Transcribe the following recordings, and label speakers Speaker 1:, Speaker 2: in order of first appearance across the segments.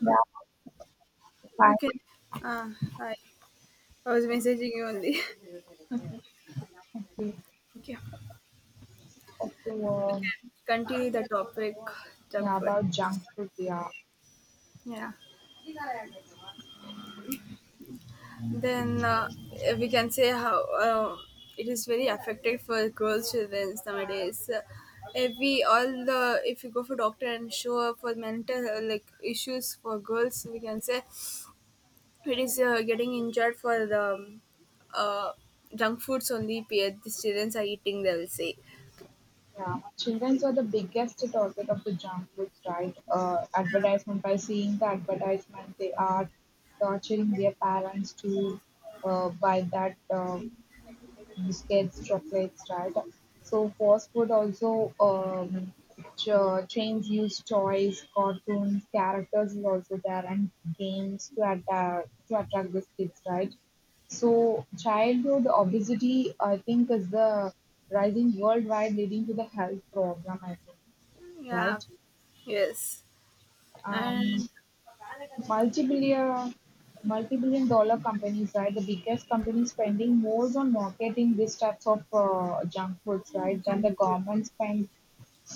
Speaker 1: Yeah,
Speaker 2: Okay. Uh, Hi. I was messaging you only.
Speaker 1: finally.
Speaker 2: Okay.
Speaker 1: Okay,
Speaker 2: Continue the topic, junk
Speaker 1: yeah,
Speaker 2: food.
Speaker 1: about junk food, yeah.
Speaker 2: Yeah. Then we can say how uh, it is very affected for girls, children nowadays. If we all the If you go for doctor and show up for mental like issues for girls, we can say it is getting injured for the uh, junk foods only. The students are eating. They will say,
Speaker 1: Yeah. Children are the biggest target of the junk foods, right? Advertisement, by seeing the advertisement, they are torturing their parents to buy that biscuits, chocolates, right? So fast food also chains use toys, cartoons, characters is also there, and games to attract these kids, right? So childhood obesity, I think, is the rising worldwide, leading to the health problem. I think,
Speaker 2: yeah,
Speaker 1: right?
Speaker 2: yes.
Speaker 1: Um,
Speaker 2: And
Speaker 1: Multi-billion multi-billion dollar companies, right? The biggest companies spending more on marketing these types of junk foods, right? Than the
Speaker 2: junk food.
Speaker 1: government spend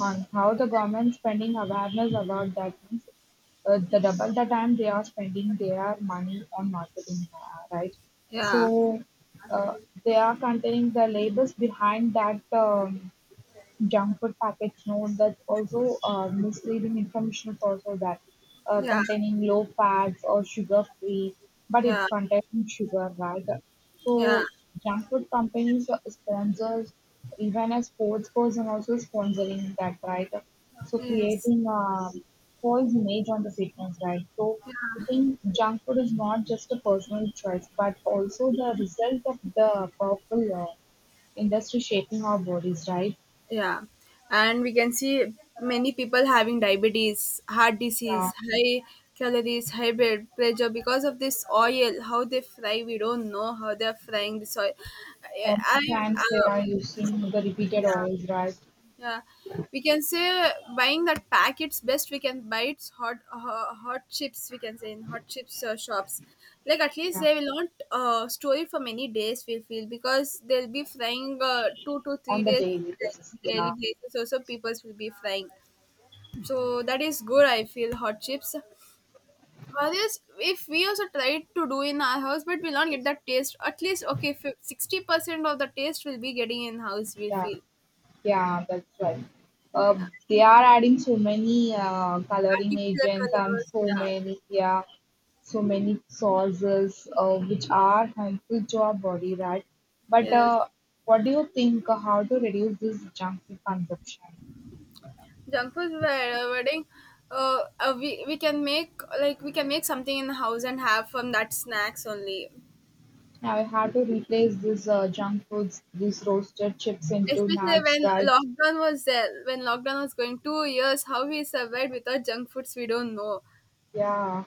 Speaker 1: on how the government spending awareness about that means the double the time they are spending their money on marketing, right?
Speaker 2: Yeah,
Speaker 1: So uh, they are containing the labels behind that. Junk food packets note that also misleading information is also that
Speaker 2: yeah,
Speaker 1: containing low fats or sugar free, but it's
Speaker 2: yeah,
Speaker 1: containing sugar, right?
Speaker 2: yeah.
Speaker 1: So junk food companies are sponsors even a sports person also sponsoring that, right? So
Speaker 2: Yes,
Speaker 1: creating a false image on the fitness, right? So I think junk food is not just a personal choice, but also the result of the powerful industry shaping our bodies, right?
Speaker 2: yeah. And we can see many people having diabetes, heart
Speaker 1: Uh,
Speaker 2: disease, high calories, high blood pressure because of this oil. How they fry, we don't know how they're frying this oil.
Speaker 1: Sometimes they
Speaker 2: I
Speaker 1: are using the repeated oils, right?
Speaker 2: Yeah, we can say, buying that packets best we can buy, it's hot chips, we can say, in hot chips shops. Like at least
Speaker 1: Yeah,
Speaker 2: they will not store it for many days. We feel because they'll be frying two to three
Speaker 1: on the
Speaker 2: days
Speaker 1: daily
Speaker 2: like,
Speaker 1: basis. Yeah,
Speaker 2: daily places. Also, people will be frying. So that is good. I feel hot chips. Others, if we also try to do in our house, but we'll not get that taste. At least, okay, 60% of the taste will be getting in house, we
Speaker 1: yeah,
Speaker 2: feel.
Speaker 1: yeah, that's right. Uh, they are adding so many coloring
Speaker 2: Artificial
Speaker 1: agents and
Speaker 2: colors.
Speaker 1: so
Speaker 2: Yeah.
Speaker 1: many, yeah, so many sauces which are harmful to our body, right? But
Speaker 2: Yes,
Speaker 1: What do you think? How to reduce this junk food consumption?
Speaker 2: junk food wedding. We can make something in the house and have from that snacks only.
Speaker 1: Now, how to replace this junk foods, these roasted chips into
Speaker 2: Especially
Speaker 1: nuts,
Speaker 2: when
Speaker 1: right?
Speaker 2: lockdown was there, when lockdown was going 2 years, how we survived without junk foods, we don't know.
Speaker 1: Yeah.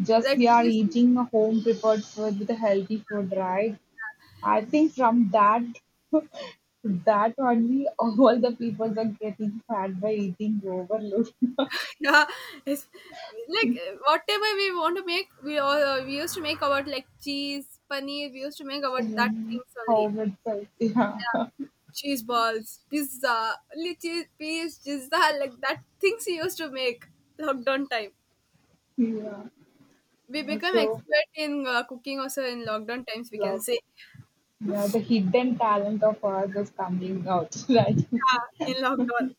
Speaker 1: Just
Speaker 2: Like
Speaker 1: we
Speaker 2: we
Speaker 1: are
Speaker 2: used to,
Speaker 1: eating a home prepared food with a healthy food, right? I think from that that only, all the people are getting fat by eating overload
Speaker 2: yeah, it's, like whatever we want to make, we used to make about like cheese, paneer. We used to make about that
Speaker 1: in
Speaker 2: things only.
Speaker 1: home itself. Yeah,
Speaker 2: Cheese balls, pizza, only cheese, peas, pizza, like that things he used to make lockdown time.
Speaker 1: yeah.
Speaker 2: We become
Speaker 1: So
Speaker 2: expert in cooking also in lockdown times, we can
Speaker 1: love,
Speaker 2: say.
Speaker 1: yeah, the hidden talent of ours is coming out, right?
Speaker 2: Yeah, in lockdown.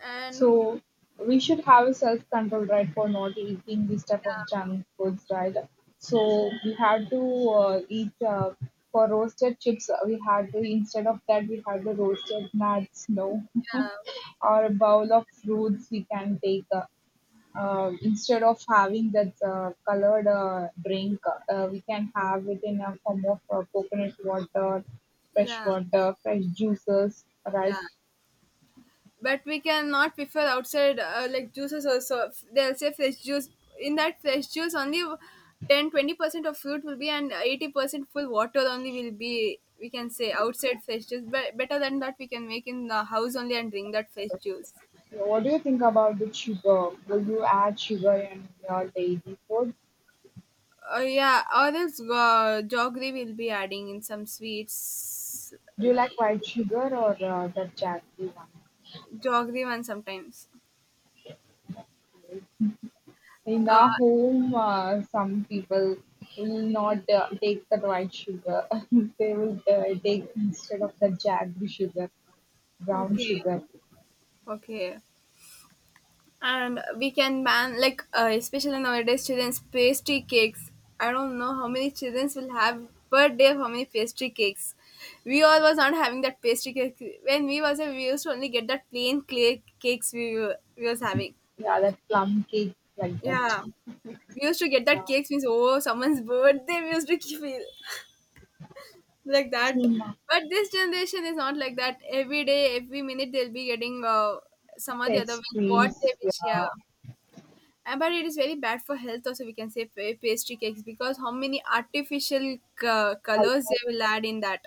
Speaker 2: And
Speaker 1: So we should have a self-control, right, for not eating this type of junk foods, right? So we had to eat for roasted chips. We had to, instead of that we had the roasted nuts, no,
Speaker 2: yeah,
Speaker 1: or a bowl of fruits. We can take. Instead of having that colored drink, we can have it in a form of coconut
Speaker 2: yeah,
Speaker 1: water, fresh juices,
Speaker 2: yeah.
Speaker 1: right?
Speaker 2: But we cannot prefer outside like juices. Also, they'll say fresh juice. In that fresh juice only 10-20% of fruit will be, and 80% full water only will be, we can say, outside fresh juice. But better than that, we can make in the house only and drink that fresh juice.
Speaker 1: So what do you think about the sugar? Do you add sugar in your daily food?
Speaker 2: Yeah, or else jaggery will be adding in some sweets.
Speaker 1: Do
Speaker 2: uh,
Speaker 1: you like white sugar or the jaggery one?
Speaker 2: Jaggery one sometimes.
Speaker 1: In
Speaker 2: uh,
Speaker 1: our home, some people will not take the white sugar. They will take, instead of the jaggery sugar, brown
Speaker 2: okay,
Speaker 1: sugar.
Speaker 2: okay. And we can ban, like, especially nowadays, children's pastry cakes. I don't know how many childrens will have per day, how many pastry cakes. We all was not having that pastry cake. When we was a, we used to only get that plain clay cakes. We was having.
Speaker 1: Yeah, that plum cake like that.
Speaker 2: Yeah. We used to get that
Speaker 1: Yeah.
Speaker 2: cakes, means, oh, someone's birthday we used to feel, like that.
Speaker 1: Sima
Speaker 2: But this generation is not like that. Every day every minute they'll be getting some of the other with what they
Speaker 1: pastries.
Speaker 2: wish. Yeah.
Speaker 1: Yeah.
Speaker 2: But it is very bad for health also, we can say, pastry cakes, because how many artificial colors
Speaker 1: Halwa.
Speaker 2: they will add in that.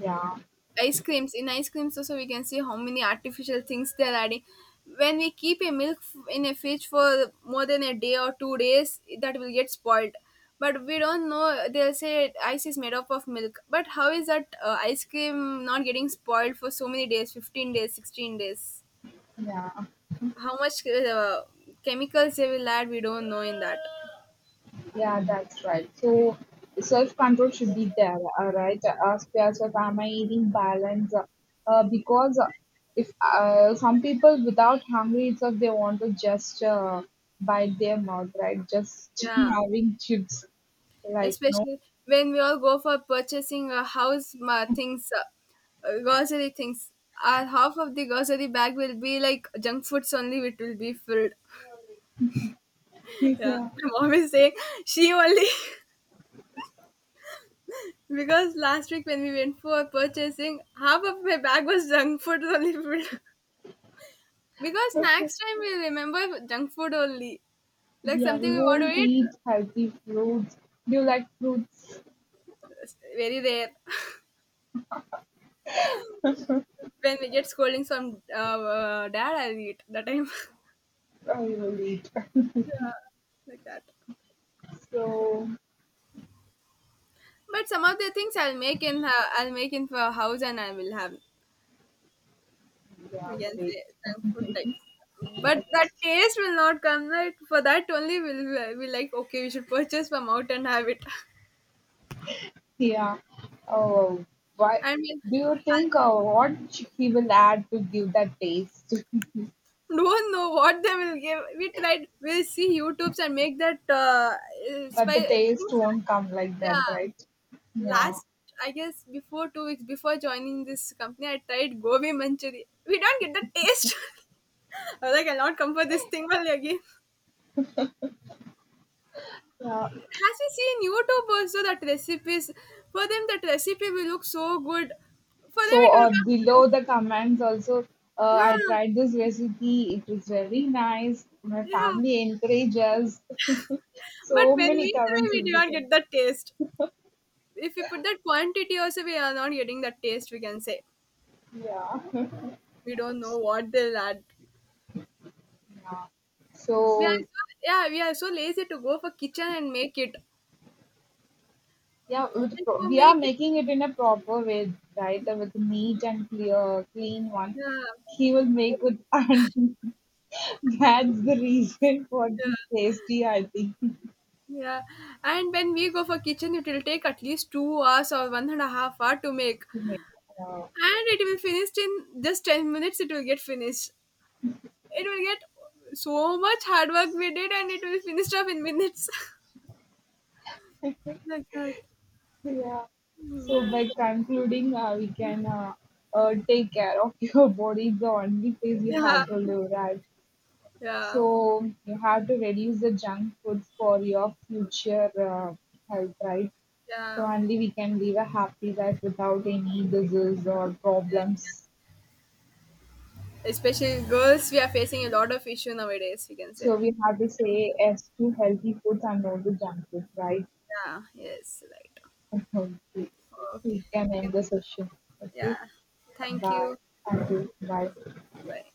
Speaker 1: Yeah.
Speaker 2: Ice creams. In ice creams also we can see how many artificial things they are adding. When we keep a milk in a fridge for more than a day or 2 days, that will get spoiled. But we don't know. They'll say ice is made up of milk, but how is that ice cream not getting spoiled for so many days, 15 days, 16 days?
Speaker 1: Yeah.
Speaker 2: How much chemicals they will add, we don't know, in that.
Speaker 1: Yeah, that's right. So self control should be there, right? Ask yourself, am I eating balance? Because if some people without hungry itself, they want to just bite their mouth, right? Just
Speaker 2: Yeah,
Speaker 1: having chips, like no.
Speaker 2: especially when we all go for purchasing a grocery things. Our half of the grocery bag will be like junk foods only, it will be filled. Yeah,
Speaker 1: Yeah,
Speaker 2: my mom is saying. She only because last week when we went for purchasing, half of my bag was junk food only filled. Because next time we remember junk food only, like
Speaker 1: yeah.
Speaker 2: something
Speaker 1: We
Speaker 2: we want to
Speaker 1: won't
Speaker 2: eat.
Speaker 1: eat healthy fruits. Do you like fruits?
Speaker 2: It's Very rare. When we get scoldings from dad, I'll eat that time.
Speaker 1: I will eat.
Speaker 2: Yeah, like that.
Speaker 1: So
Speaker 2: But some of the things I'll make in for house, and I will have,
Speaker 1: yeah,
Speaker 2: you can
Speaker 1: wait.
Speaker 2: say, some food types. But that taste will not come right. For that only will I will like, okay, we should purchase from out and have it.
Speaker 1: Yeah. Oh, why
Speaker 2: I mean,
Speaker 1: do you
Speaker 2: I
Speaker 1: think, what he will add to give that taste?
Speaker 2: don't know what they will give. We tried, we'll see YouTubes and make that
Speaker 1: But
Speaker 2: spy
Speaker 1: the taste
Speaker 2: things.
Speaker 1: won't come like that,
Speaker 2: Yeah.
Speaker 1: right? Yeah.
Speaker 2: Last, I guess before 2 weeks before joining this company, I tried gobi manchuri. We don't get the taste. I was like, I'll not come for this thing only again.
Speaker 1: Yeah.
Speaker 2: As we see in YouTube also, that recipes, for them that recipe will look so good. For them
Speaker 1: So,
Speaker 2: it will come
Speaker 1: below the comments also, I
Speaker 2: nice.
Speaker 1: tried this recipe. It was very nice. My
Speaker 2: Yeah, yeah.
Speaker 1: family encourages.
Speaker 2: But
Speaker 1: So
Speaker 2: when
Speaker 1: many
Speaker 2: we try,
Speaker 1: comments
Speaker 2: we
Speaker 1: will
Speaker 2: do
Speaker 1: be
Speaker 2: not
Speaker 1: there.
Speaker 2: get that taste. If we put that quantity also, we are not getting that taste, we can say.
Speaker 1: Yeah.
Speaker 2: We don't know what they'll add.
Speaker 1: yeah.
Speaker 2: We are
Speaker 1: So,
Speaker 2: so, yeah, we are so lazy to go for kitchen and make it.
Speaker 1: yeah,
Speaker 2: Like for
Speaker 1: we are
Speaker 2: making,
Speaker 1: making it in a proper way, right? With neat and clear, clean one.
Speaker 2: yeah,
Speaker 1: He will make with and that's the reason for the
Speaker 2: yeah,
Speaker 1: tasty, I think. To
Speaker 2: yeah. And when we go for kitchen, it will take at least 2 hours or 1.5 hour to make,
Speaker 1: make. Uh,
Speaker 2: and it will finished in just 10 minutes. It will get finished. It will get, so much hard work we did, and it will finished off in minutes, like that.
Speaker 1: yeah. So
Speaker 2: Yeah,
Speaker 1: by concluding, we can take care of your body. It's the only place you
Speaker 2: yeah,
Speaker 1: have to live, right?
Speaker 2: yeah,
Speaker 1: So you have to reduce the junk food for your future health, right? So
Speaker 2: yeah.
Speaker 1: only we can live a happy life without any disease or problems.
Speaker 2: Especially girls, we are facing a lot of issue nowadays, we can say.
Speaker 1: So we have to say yes to healthy foods and no to junk food, right?
Speaker 2: Yeah, yes, right.
Speaker 1: Okay. We
Speaker 2: Okay,
Speaker 1: can end the session. Okay.
Speaker 2: yeah. Thank
Speaker 1: Bye.
Speaker 2: you.
Speaker 1: Thank you. Bye.
Speaker 2: Right.